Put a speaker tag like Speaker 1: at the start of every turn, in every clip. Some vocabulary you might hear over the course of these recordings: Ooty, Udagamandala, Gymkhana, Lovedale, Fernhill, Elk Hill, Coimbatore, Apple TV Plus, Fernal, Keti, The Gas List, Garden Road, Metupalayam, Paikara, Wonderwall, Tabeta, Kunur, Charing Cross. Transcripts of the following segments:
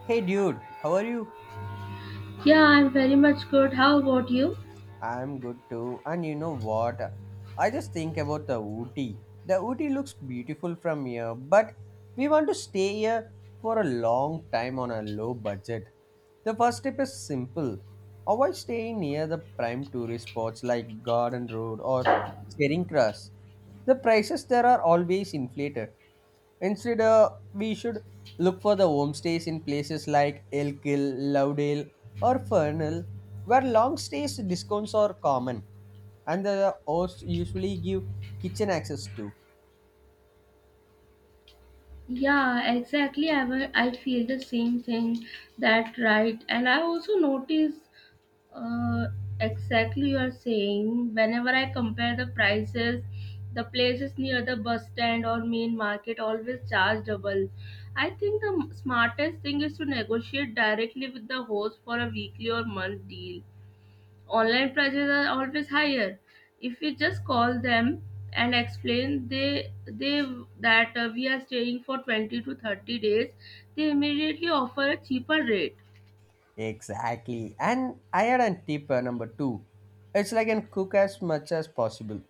Speaker 1: Hey dude, how are you?
Speaker 2: Yeah, I'm very much good. How about you?
Speaker 1: I'm good too. And you know what? I just think about the Ooty. The Ooty looks beautiful from here, but we want to stay here for a long time on a low budget. The first step is simple. Avoid staying near the prime tourist spots like Garden Road or Charing Cross. The prices there are always inflated. Instead, we should look for the homestays in places like Elk Hill, Lovedale, or Fernhill, where long stays discounts are common and the hosts usually give kitchen access to.
Speaker 2: Yeah, exactly. I feel the same thing. That right. And I also notice uh, exactly you are saying. Whenever I compare the prices, the places near the bus stand or main market always charge double. I think the smartest thing is to negotiate directly with the host for a weekly or month deal. Online prices are always higher if we just call them and explain they that we are staying for 20 to 30 days. They immediately offer a cheaper rate.
Speaker 1: Exactly. And I had a tip number two. It's like and cook as much as possible.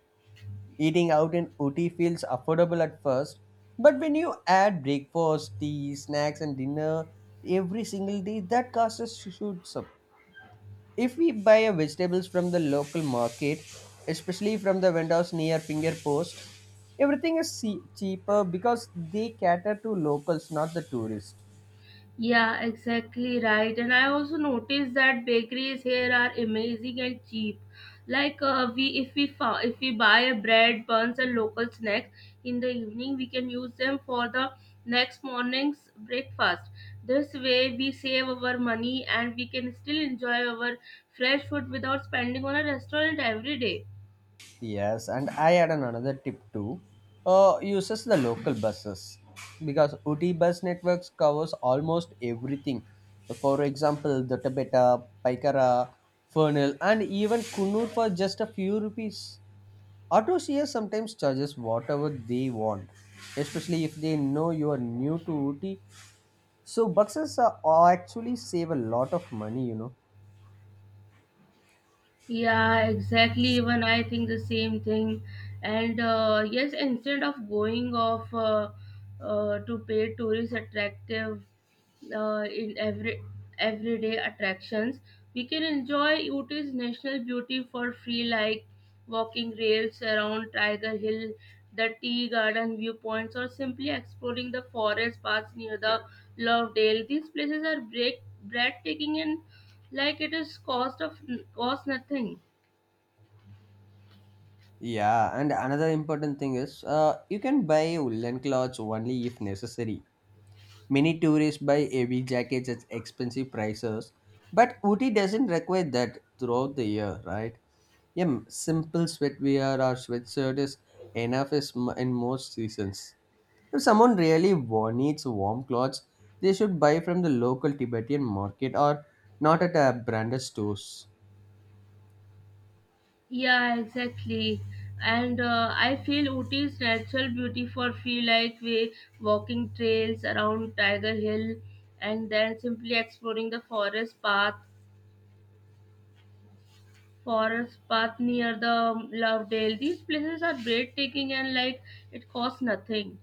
Speaker 1: Eating out in Ooty feels affordable at first, but when you add breakfast, tea, snacks, and dinner every single day, that cost us shoots up. If we buy a vegetables from the local market, especially from the vendors near finger post, everything is cheaper because they cater to locals, not the tourists.
Speaker 2: Yeah, exactly right. And I also noticed that bakeries here are amazing and cheap. Like if we buy a bread, buns, and local snacks in the evening, we can use them for the next morning's breakfast. This way, we save our money and we can still enjoy our fresh food without spending on a restaurant every day.
Speaker 1: Yes, and I had an another tip too. Uses the local buses because Uti bus networks covers almost everything. For example, the Tabeta, Paikara, Fernal, and even Kunur for just a few rupees. Auto CS sometimes charges whatever they want, especially if they know you are new to Ooty. So boxes are actually save a lot of money, you know.
Speaker 2: Yeah, exactly. Even I think the same thing. And yes, instead of going off to pay tourist attractive in everyday attractions, we can enjoy Uti's national beauty for free, like walking rails around Tiger Hill, the tea garden viewpoints, or simply exploring the forest paths near the Lovedale. These places are break breathtaking, and like it is cost nothing.
Speaker 1: Yeah, and another important thing is you can buy woolen clothes only if necessary. Many tourists buy heavy jackets at expensive prices, but Ooty doesn't require that throughout the year, right? Yeah, simple sweatwear or sweatshirt is in most seasons. If someone really needs warm clothes, they should buy from the local Tibetan market or not at a branded stores.
Speaker 2: Yeah, exactly. And I feel Ooty's natural beauty for feel like we walking trails around Tiger Hill, and then simply exploring the forest path near the Lovedale. These places are breathtaking and like it costs nothing.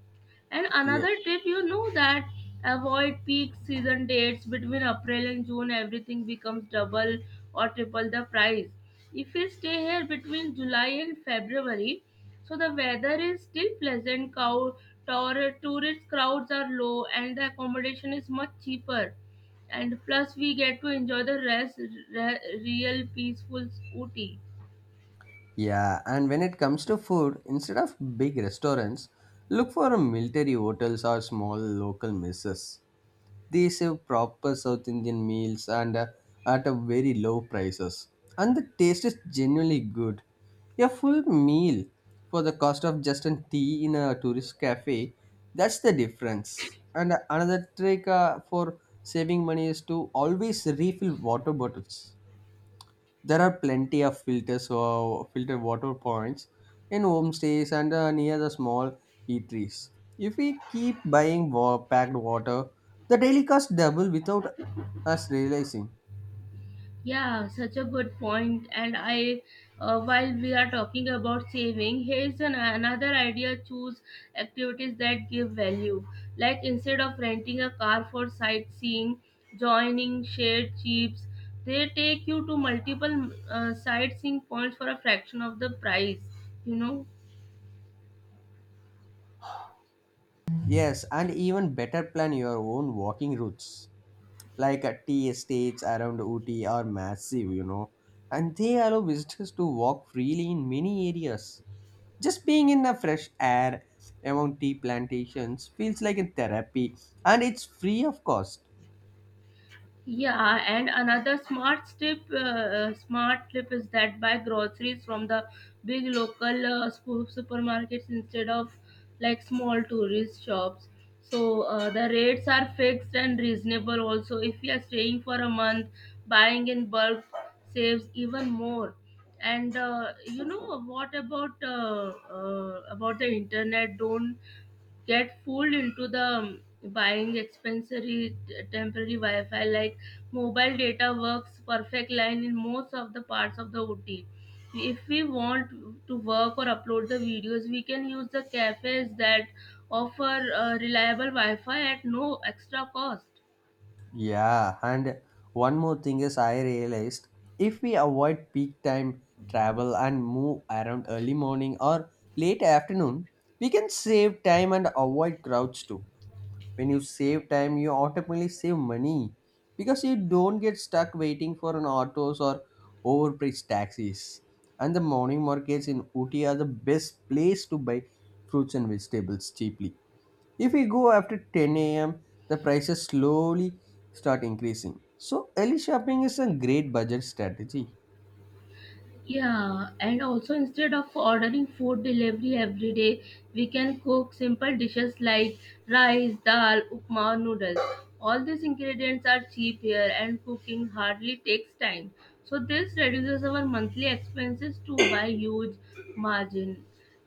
Speaker 2: And
Speaker 1: Yeah.
Speaker 2: another tip, you know that avoid peak season dates between April and June. Everything becomes double or triple the price. If you stay here between July and February, so the weather is still pleasant. Cow, tour, tourist crowds are low, and the accommodation is much cheaper, and plus we get to enjoy the real peaceful scooty.
Speaker 1: Yeah, and when it comes to food, instead of big restaurants, look for a military hotels or small local messes. They serve proper South Indian meals and at a very low prices. And the taste is genuinely good. A full meal for the cost of just a tea in a tourist cafe, that's the difference. And another trick for saving money is to always refill water bottles. There are plenty of filters or filtered water points in homestays and near the small eateries. If we keep packed water, the daily cost double without us realizing.
Speaker 2: Yeah, such a good point. And I while we are talking about saving, here's an, another idea: choose activities that give value, like instead of renting a car for sightseeing, joining shared jeeps. They take you to multiple sightseeing points for a fraction of the price, you know.
Speaker 1: Yes, and even better plan your own walking routes, like tea estates around Ooty are massive, you know, and they allow visitors to walk freely in many areas. Just being in the fresh air among tea plantations feels like a therapy and it's free of cost.
Speaker 2: Yeah, and another smart tip is that buy groceries from the big local supermarkets instead of like small tourist shops. So the rates are fixed and reasonable. Also, if you are staying for a month, buying in bulk saves even more. And you know what about the internet? Don't get fooled into the buying expensive temporary Wi-Fi. Like mobile data works perfect line in most of the parts of the OT. If we want to work or upload the videos, we can use the cafes that offer reliable Wi-Fi at no extra cost.
Speaker 1: Yeah, and one more thing is I realized if we avoid peak time travel and move around early morning or late afternoon, we can save time and avoid crowds too. When you save time you automatically save money because you don't get stuck waiting for an autos or overpriced taxis, and the morning markets in Ooty are the best place to buy fruits and vegetables cheaply if we go after 10 a.m. the prices slowly start increasing, so early shopping is a great budget strategy.
Speaker 2: Yeah, and also instead of ordering food delivery every day, we can cook simple dishes like rice, dal, upma, noodles. All these ingredients are cheap here, and cooking hardly takes time. So this reduces our monthly expenses to by huge margin.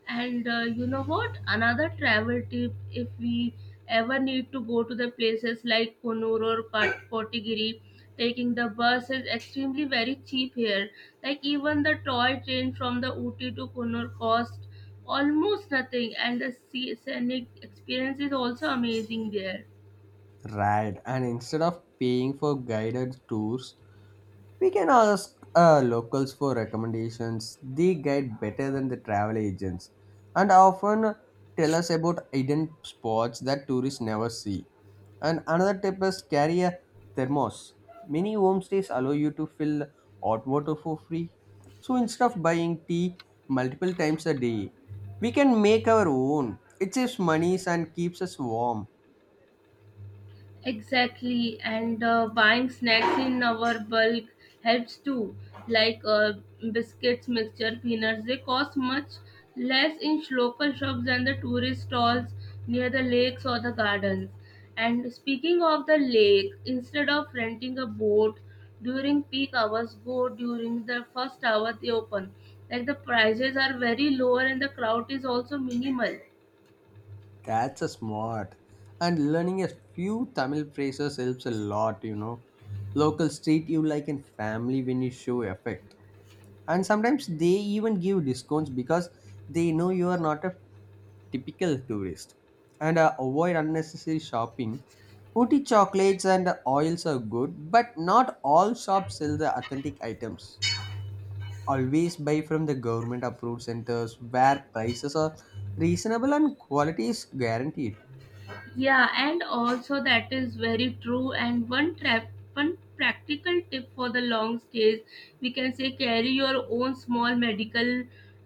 Speaker 2: And you know what? Another travel tip if we ever need to go to the places like Kunur or Kotigiri, taking the bus is extremely very cheap here. Like even the toy train from the Ooty to Kunur cost almost nothing, and the scenic experience is also amazing there.
Speaker 1: Right, and instead of paying for guided tours, we can ask locals for recommendations. They guide better than the travel agents and often tell us about hidden spots that tourists never see. And another tip is carry a thermos. Many homestays allow you to fill hot water for free. So instead of buying tea multiple times a day, we can make our own. It saves money and keeps us warm.
Speaker 2: Exactly, and buying snacks in our bulk helps too, like biscuits, mixture, peanuts. They cost much less in local shops than the tourist stalls near the lakes or the gardens. And speaking of the lake, instead of renting a boat during peak hours, go during the first hour they open. Like the prices are very lower and the crowd is also minimal.
Speaker 1: That's a smart. And learning a few Tamil phrases helps a lot, you know. Locals treat you like a family when you show effect. And sometimes they even give discounts because they know you are not a typical tourist. And avoid unnecessary shopping. Ooty chocolates and oils are good, but not all shops sell the authentic items. Always buy from the government approved centers where prices are reasonable and quality is guaranteed.
Speaker 2: Yeah, and also that is very true. And one trap, one practical tip for the long stays, we can say carry your own small medical,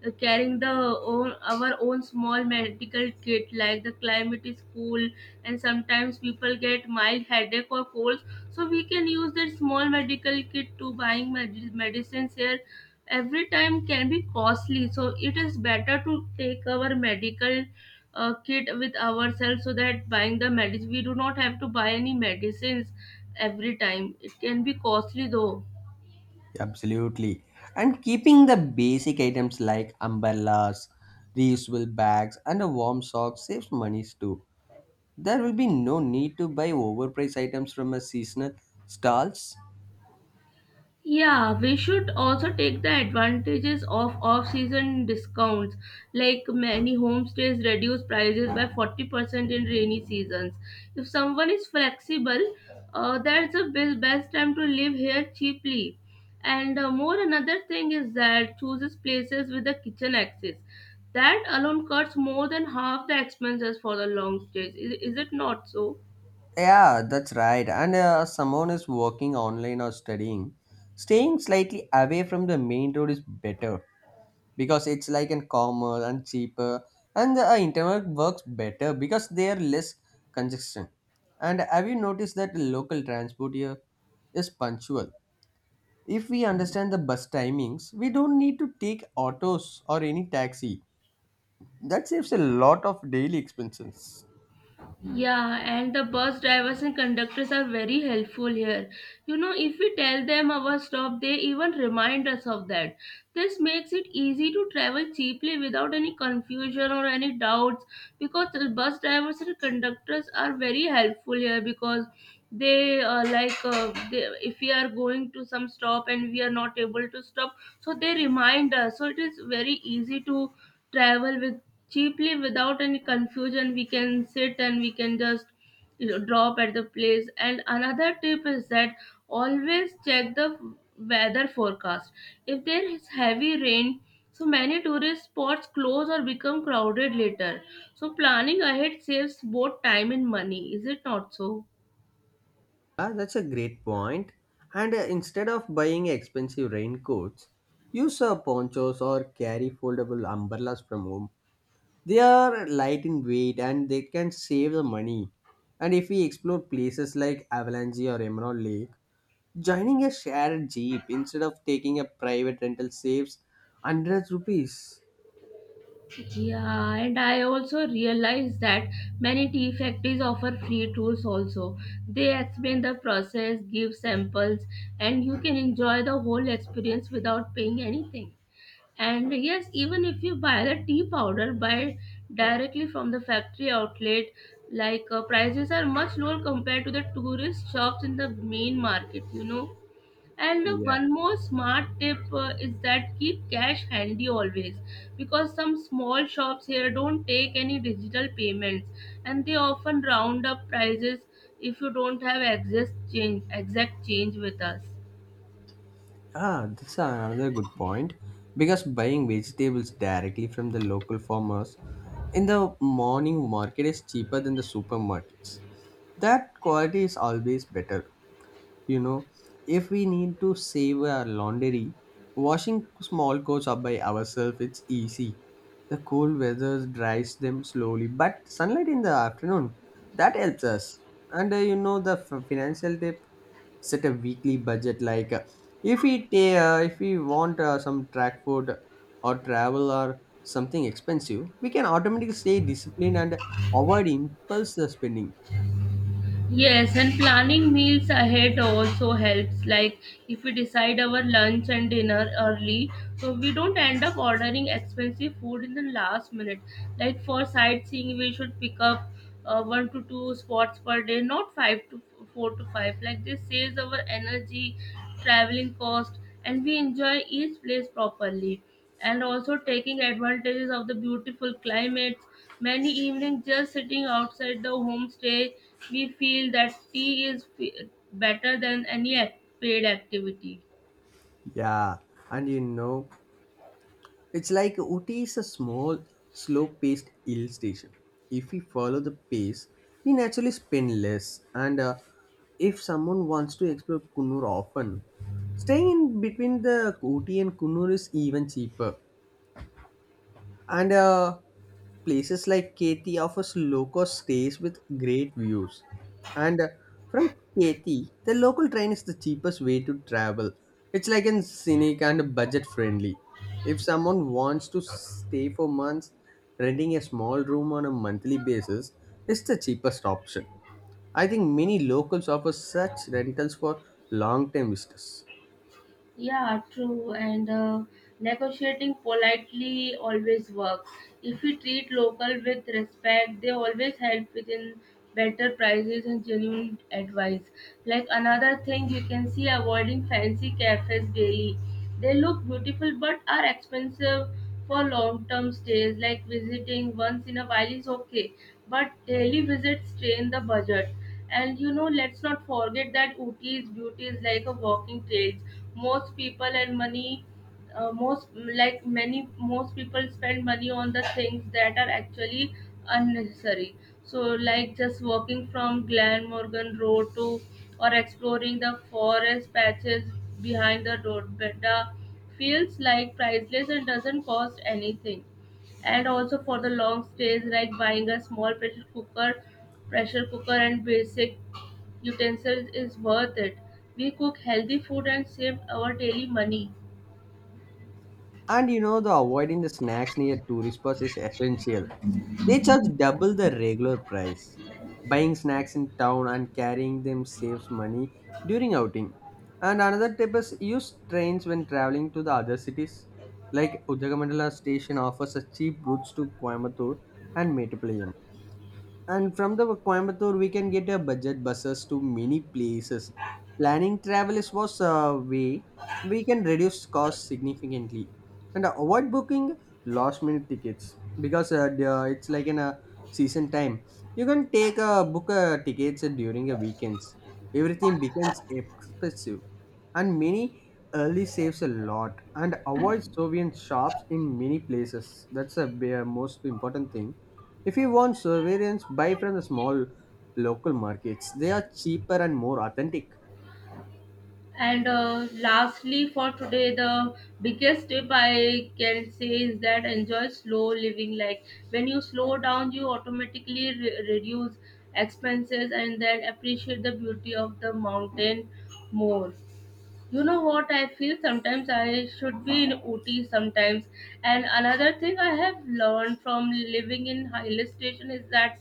Speaker 2: carrying the own our own small medical kit. Like the climate is cool, and sometimes people get mild headache or colds, so we can use that small medical kit to buying medicines here. Every time can be costly, so it is better to take our medical kit with ourselves so that buying the medicine we do not have to buy any medicines every time it can be costly though.
Speaker 1: Absolutely. And keeping the basic items like umbrellas, reusable bags, and a warm sock saves money too. There will be no need to buy overpriced items from a seasonal stalls.
Speaker 2: Yeah, we should also take the advantages of off-season discounts. Like many homestays reduce prices by 40% in rainy seasons. If someone is flexible, that's the best time to live here cheaply. And more another thing is that chooses places with a kitchen access. That alone cuts more than half the expenses for the long stays. Is it not so?
Speaker 1: Yeah, that's right. And someone is working online or studying. Staying slightly away from the main road is better, because it's like and calmer and cheaper, and the internet works better because they are less congestion. And have you noticed that local transport here is punctual? If we understand the bus timings we don't need to take autos or any taxi. That saves a lot of daily expenses.
Speaker 2: Yeah, and the bus drivers and conductors are very helpful here. You know, if we tell them our stop, they even remind us of that. This makes it easy to travel cheaply without any confusion or any doubts because the bus drivers and conductors are very helpful here because if we are going to some stop and we are not able to stop, so they remind us, so it is very easy to travel with cheaply without any confusion. We can sit and we can just, you know, drop at the place. And another tip is that always check the weather forecast. If there is heavy rain, so many tourist spots close or become crowded later, so planning ahead saves both time and money, is it not so.
Speaker 1: Ah, that's a great point. And instead of buying expensive raincoats, use ponchos or carry foldable umbrellas from home. They are light in weight and they can save the money. And if we explore places like Avalanche or Emerald Lake, joining a shared jeep instead of taking a private rental saves hundreds rupees.
Speaker 2: Yeah, and I also realized that many tea factories offer free tours also. They explain the process, give samples, and you can enjoy the whole experience without paying anything. And yes, even if you buy the tea powder, buy directly from the factory outlet, like prices are much lower compared to the tourist shops in the main market, you know. And
Speaker 1: Yeah.
Speaker 2: one more smart tip is that keep cash handy always because some small shops here don't take any digital payments, and they often round up prices if you don't have exact change with us.
Speaker 1: Ah, that's another good point. Because buying vegetables directly from the local farmers in the morning market is cheaper than the supermarkets. That quality is always better. You know, if we need to save our laundry, washing small clothes up by ourselves, it's easy. The cold weather dries them slowly, but sunlight in the afternoon, that helps us. And you know the financial tip, set a weekly budget. Like if we if we want some track food or travel or something expensive, we can automatically stay disciplined and avoid impulse spending.
Speaker 2: Yes, and planning meals ahead also helps. Like if we decide our lunch and dinner early, so we don't end up ordering expensive food in the last minute. Like for sightseeing, we should pick up one to two spots per day, not five to four to five. Like this saves our energy, traveling cost, and we enjoy each place properly. And also taking advantages of the beautiful climates. Many evenings, just sitting outside the homestay we feel that tea is better than any paid activity.
Speaker 1: Yeah, and you know, it's like Ooty is a small, slow paced hill station. If we follow the pace, we naturally spend less. And if someone wants to explore Kunnur often, staying in between the Ooty and Kunnur is even cheaper. And places like Keti offers low-cost stays with great views. And from Keti, the local train is the cheapest way to travel. It's like an scenic and budget-friendly. If someone wants to stay for months, renting a small room on a monthly basis is the cheapest option. I think many locals offer such rentals for long-term visitors.
Speaker 2: Yeah, true. And negotiating politely always works. If we treat local with respect, they always help within better prices and genuine advice. Like another thing you can see avoiding fancy cafes daily. They look beautiful but are expensive for long term stays. Like visiting once in a while is okay, but daily visits strain the budget. And you know, let's not forget that Ooty's beauty is like a walking trail. Most people and money, most like many most people spend money on the things that are actually unnecessary. So, like just walking from Glenmorgan Road to or exploring the forest patches behind the road better feels like priceless and doesn't cost anything. And also for the long stays, like buying a small pressure cooker and basic utensils is worth it. We cook healthy food and save our daily money.
Speaker 1: And you know, the avoiding the snacks near tourist spots is essential. They charge double the regular price. Buying snacks in town and carrying them saves money during outing. And another tip is use trains when traveling to the other cities. Like Udagamandala station offers a cheap routes to Coimbatore and Metupalayam. And from the Coimbatore, we can get a budget buses to many places. Planning travel is was a way we can reduce costs significantly and avoid booking last minute tickets, because it's like in a season time. You can take a book tickets during the weekends. Everything becomes expensive and many early saves a lot, and avoid soviet shops in many places. Most important thing. If you want surveillance buy from the small local markets, they are cheaper and more authentic.
Speaker 2: And lastly for today, the biggest tip I can say is that enjoy slow living. Like when you slow down you automatically reduce expenses and then appreciate the beauty of the mountain more. You know what I feel sometimes I should be in Ooty sometimes. And another thing I have learned from living in hill station is that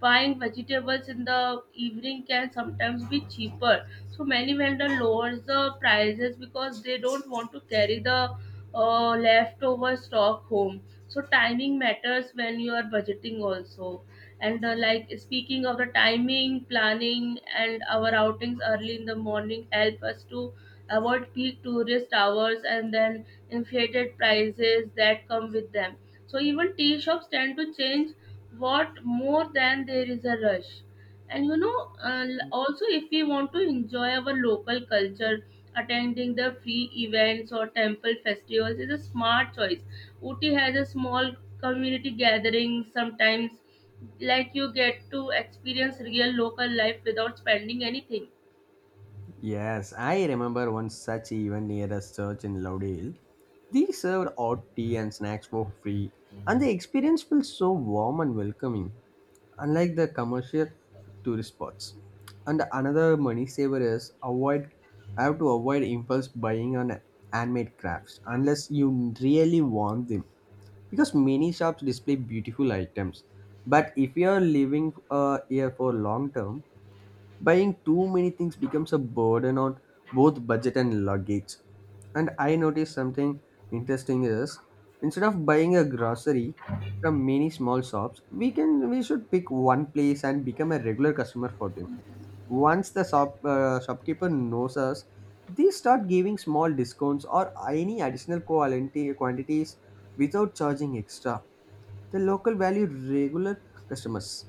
Speaker 2: buying vegetables in the evening can sometimes be cheaper. So many vendor lowers the prices because they don't want to carry the leftover stock home. So timing matters when you are budgeting also. And like speaking of the timing, planning, and our outings early in the morning help us to avoid peak tourist hours and then inflated prices that come with them. So even tea shops tend to change what more than there is a rush. And you know, also if we want to enjoy our local culture, attending the free events or temple festivals is a smart choice. Uti has a small community gathering sometimes like you get to experience real local life without spending anything.
Speaker 1: Yes, I remember one such event near a church in Laudale. They served hot tea and snacks for free, and the experience felt so warm and welcoming, unlike the commercial tourist spots. And another money saver is avoid. I have to avoid impulse buying on handmade crafts unless you really want them, because many shops display beautiful items. But if you are living here for long term, buying too many things becomes a burden on both budget and luggage. And I noticed something interesting is instead of buying a grocery from many small shops, we should pick one place and become a regular customer for them. Once the shopkeeper knows us, they start giving small discounts or any additional quality quantities without charging extra. The local value regular customers,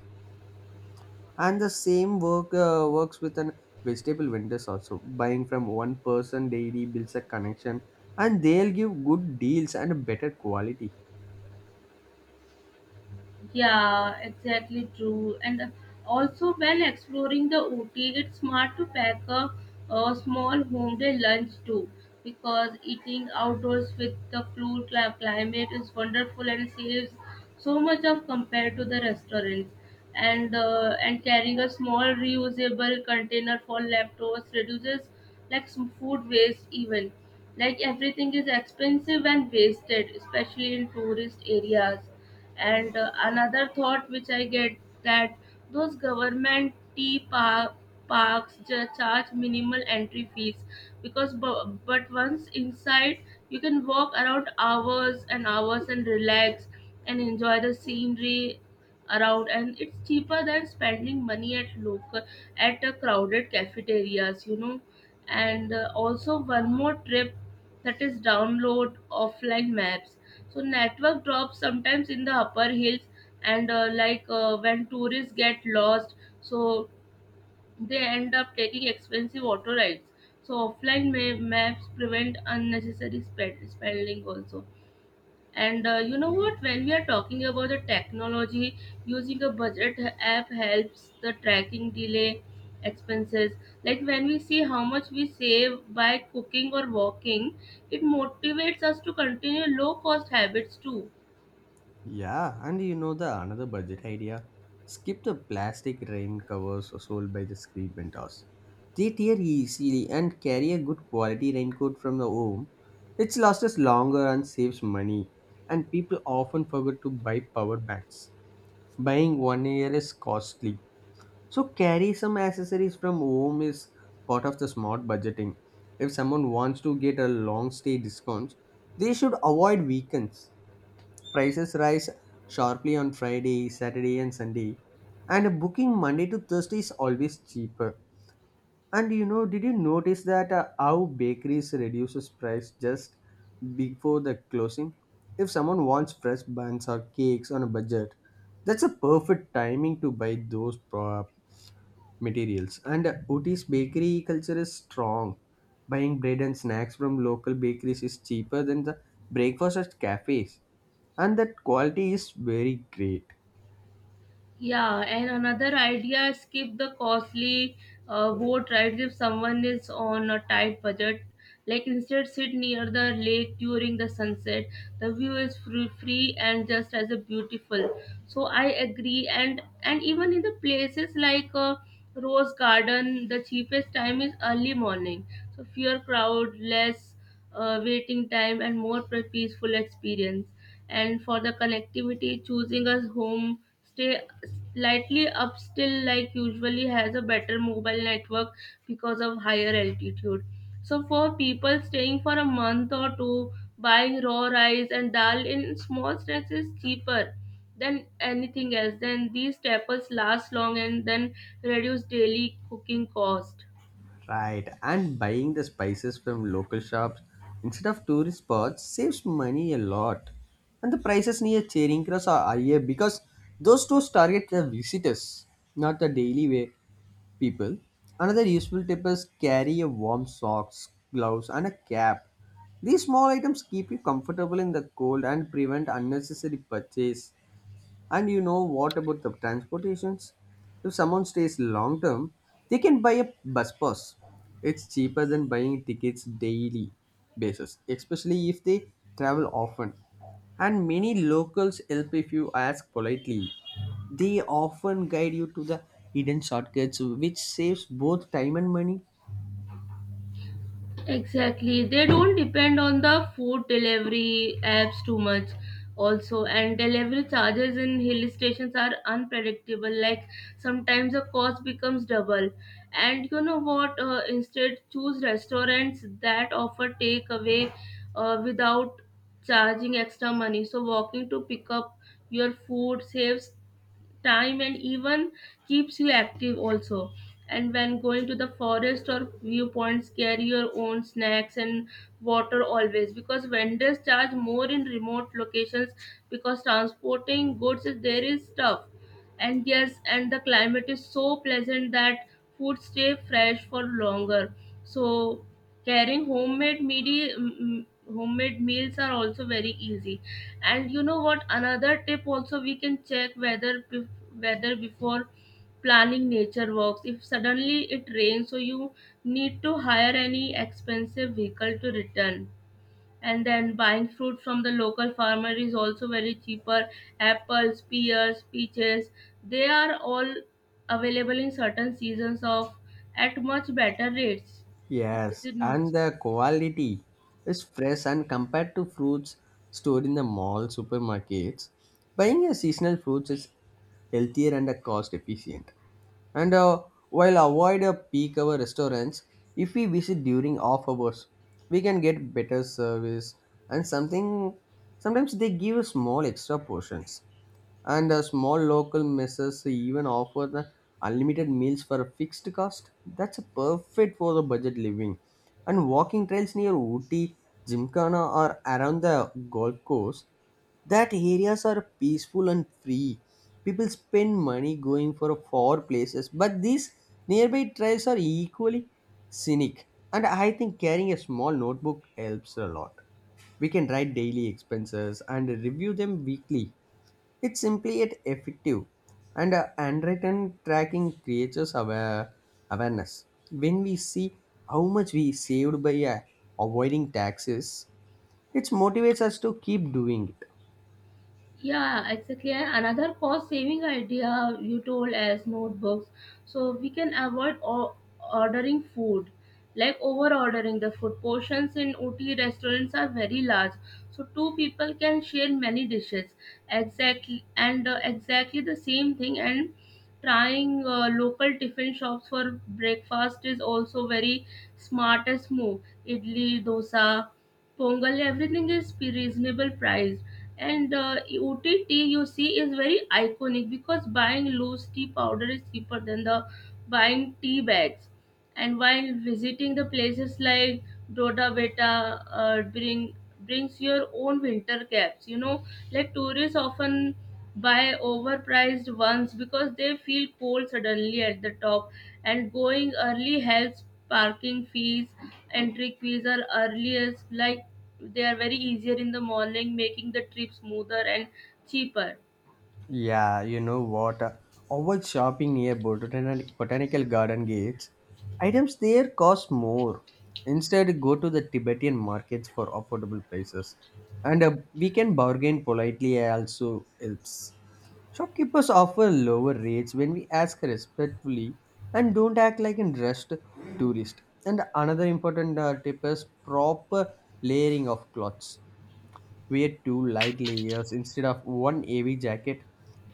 Speaker 1: and the same works with an vegetable vendors also. Buying from one person daily builds a connection and they'll give good deals and a better quality.
Speaker 2: Yeah, exactly true. And also, when exploring the Ooty, it's smart to pack a small home-day lunch too, because eating outdoors with the cool climate is wonderful and saves so much of compared to the restaurants. And carrying a small reusable container for leftovers reduces like some food waste even. Like everything is expensive and wasted, especially in tourist areas, and another thought which I get that those government parks charge minimal entry fees because but once inside you can walk around hours and hours and relax and enjoy the scenery around, and it's cheaper than spending money at local at a crowded cafeterias, you know. And also one more trip, that is, download offline maps, so network drops sometimes in the upper hills, and when tourists get lost, so they end up taking expensive auto rides. So offline maps prevent unnecessary spending also. And you know what? When we are talking about the technology, using a budget app helps the tracking delay expenses. Like when we see how much we save by cooking or walking, it motivates us to continue low cost habits too.
Speaker 1: Yeah, and you know the another budget idea, skip the plastic rain covers sold by the street vendors. They tear easily. And carry a good quality raincoat from the home. It lasts us longer and saves money. And people often forget to buy power banks. Buying 1 year is costly. So carry some accessories from home is part of the smart budgeting. If someone wants to get a long stay discounts, they should avoid weekends. Prices rise sharply on Friday, Saturday and Sunday. And booking Monday to Thursday is always cheaper. And you know, did you notice that how bakeries reduces price just before the closing? If someone wants fresh buns or cakes on a budget, that's a perfect timing to buy materials. And Ooty's bakery culture is strong. Buying bread and snacks from local bakeries is cheaper than the breakfast at cafes, and that quality is very great.
Speaker 2: Yeah, and another idea is keep the costly boat rides if someone is on a tight budget. Like instead, sit near the lake during the sunset. The view is free and just as a beautiful. So I agree, and even in the places like Rose Garden, the cheapest time is early morning. So fewer crowd, less waiting time, and more peaceful experience. And for the connectivity, choosing a home stay slightly up still like usually has a better mobile network because of higher altitude. So for people staying for a month or two, buying raw rice and dal in small snacks is cheaper than anything else. Then these staples last long and then reduce daily cooking cost.
Speaker 1: Right, and buying the spices from local shops instead of tourist spots saves money a lot. And the prices near Charing Cross are higher because those stores target the visitors, not the daily wear people. Another useful tip is carry a warm socks, gloves, and a cap. These small items keep you comfortable in the cold and prevent unnecessary purchase. And you know what about the transportations? If someone stays long term, they can buy a bus pass. It's cheaper than buying tickets daily basis, especially if they travel often. And many locals help if you ask politely. They often guide you to the hidden shortcuts, which saves both time and money.
Speaker 2: Exactly. They don't depend on the food delivery apps too much also, and delivery charges in hill stations are unpredictable, like sometimes the cost becomes double. And you know what, instead choose restaurants that offer takeaway without charging extra money, so walking to pick up your food saves time and even keeps you active also. And when going to the forest or viewpoints, carry your own snacks and water always, because vendors charge more in remote locations, because transporting goods is there is tough. And yes, and the climate is so pleasant that food stay fresh for longer, so carrying homemade homemade meals are also very easy. And you know what, another tip also, we can check whether weather before planning nature walks. If suddenly it rains, so you need to hire any expensive vehicle to return. And then buying fruit from the local farmer is also very cheaper. Apples, pears, peaches, they are all available in certain seasons of at much better rates. Is
Speaker 1: Yes,
Speaker 2: it not? So?
Speaker 1: and the quality is fresh and compared to fruits stored in the mall supermarkets. Buying a seasonal fruits is healthier and cost efficient. And while avoid a peak hour restaurants, if we visit during off hours, we can get better service and something. Sometimes they give small extra portions. And small local messes even offer the unlimited meals for a fixed cost. That's a perfect for the budget living. And walking trails near Ooty, Gymkhana, or around the golf course, that areas are peaceful and free. People spend money going for far places, but these nearby trails are equally scenic. And I think carrying a small notebook helps a lot. We can write daily expenses and review them weekly. It's simply yet effective, and handwritten tracking creates awareness. When we see how much we saved by avoiding taxes, it motivates us to keep doing it.
Speaker 2: Yeah, exactly. And another cost saving idea you told as notebooks. So we can avoid ordering food, like over ordering the food. Portions in OT restaurants are very large. So two people can share many dishes. Exactly. And exactly the same thing. And trying local tiffin shops for breakfast is also very smartest move. Idli, dosa, pongal, everything is reasonable price. And OTT you see is very iconic, because buying loose tea powder is cheaper than the buying tea bags. And while visiting the places like Doda Beta, brings your own winter caps. You know, like tourists often buy overpriced ones because they feel cold suddenly at the top. And going early helps parking fees, entry fees are earliest, like they are very easier in the morning, making the trip smoother and cheaper.
Speaker 1: Yeah, you know what? Avoid shopping near botanical garden gates. Items there cost more. Instead, go to the Tibetan markets for affordable prices. And we can bargain politely also helps. Shopkeepers offer lower rates when we ask respectfully and don't act like a dressed tourist. And another important tip is proper layering of clothes. Wear two light layers instead of one heavy jacket.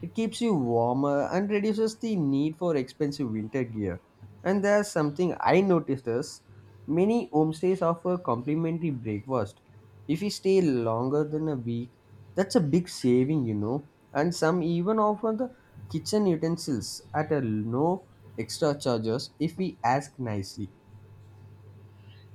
Speaker 1: It keeps you warmer and reduces the need for expensive winter gear. And there's something I noticed is many homestays offer complimentary breakfast. If you stay longer than a week, that's a big saving, you know. And some even offer the kitchen utensils at a no extra charges if we ask nicely.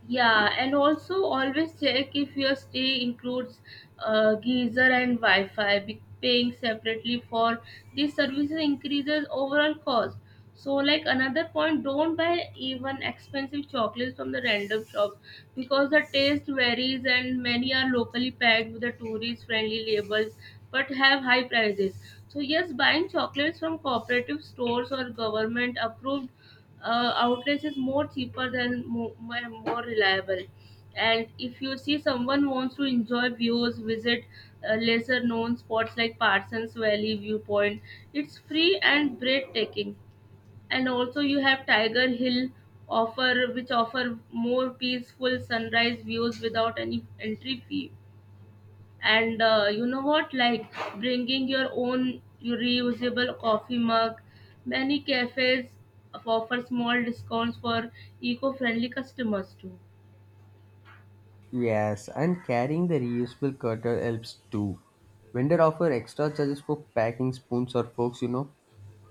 Speaker 2: Yeah, and also always check if your stay includes geyser and Wi-Fi. Be paying separately for these services increases overall cost. So, like another point, don't buy even expensive chocolates from the random shops, because the taste varies and many are locally packed with the tourist-friendly labels but have high prices. So, yes, buying chocolates from cooperative stores or government-approved outlets is more cheaper than more reliable. And if you see someone wants to enjoy views, visit lesser known spots like Parsons Valley viewpoint. It's free and breathtaking. And also you have Tiger Hill offer which offer more peaceful sunrise views without any entry fee. And you know what, like, bringing your own reusable coffee mug, many cafes offer small discounts for eco-friendly customers too.
Speaker 1: Yes, and carrying the reusable cutter helps too. Vendor offer extra charges for packing spoons or forks, you know.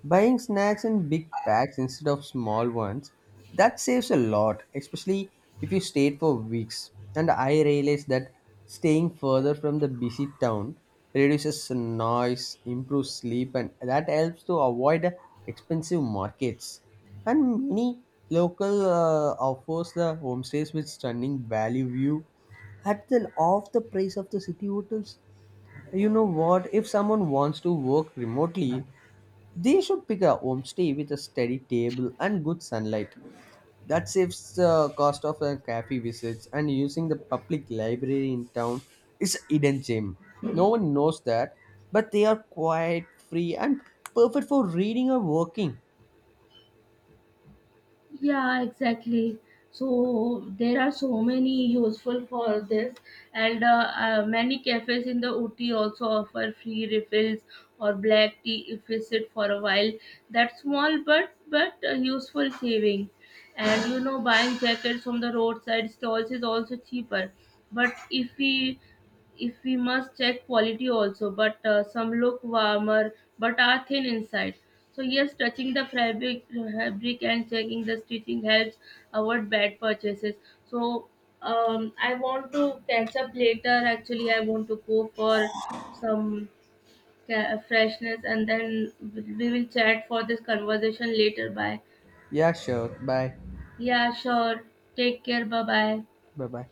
Speaker 1: Buying snacks in big packs instead of small ones, that saves a lot, especially if you stayed for weeks. And I realized that staying further from the busy town reduces noise, improves sleep, and that helps to avoid expensive markets. And many local offers the homestays with stunning valley view at the off the price of the city hotels. You know what? If someone wants to work remotely, they should pick a homestay with a steady table and good sunlight. That saves the cost of a cafe visits, and using the public library in town is a hidden gem. No one knows that, but they are quite free and perfect for reading or working.
Speaker 2: Yeah, exactly. So there are so many useful for this, and many cafes in the Uti also offer free refills or black tea if we sit for a while. That's small, but useful saving. And you know, buying jackets from the roadside stalls is also cheaper. But if we must check quality also, but some look warmer but are thin inside. So yes, touching the fabric and checking the stitching helps avoid bad purchases. So I want to catch up later, actually. I want to go for some freshness, and then we will chat for this conversation later. Bye.
Speaker 1: Yeah, sure. Bye.
Speaker 2: Yeah, sure, take care. Bye bye.
Speaker 1: Bye bye.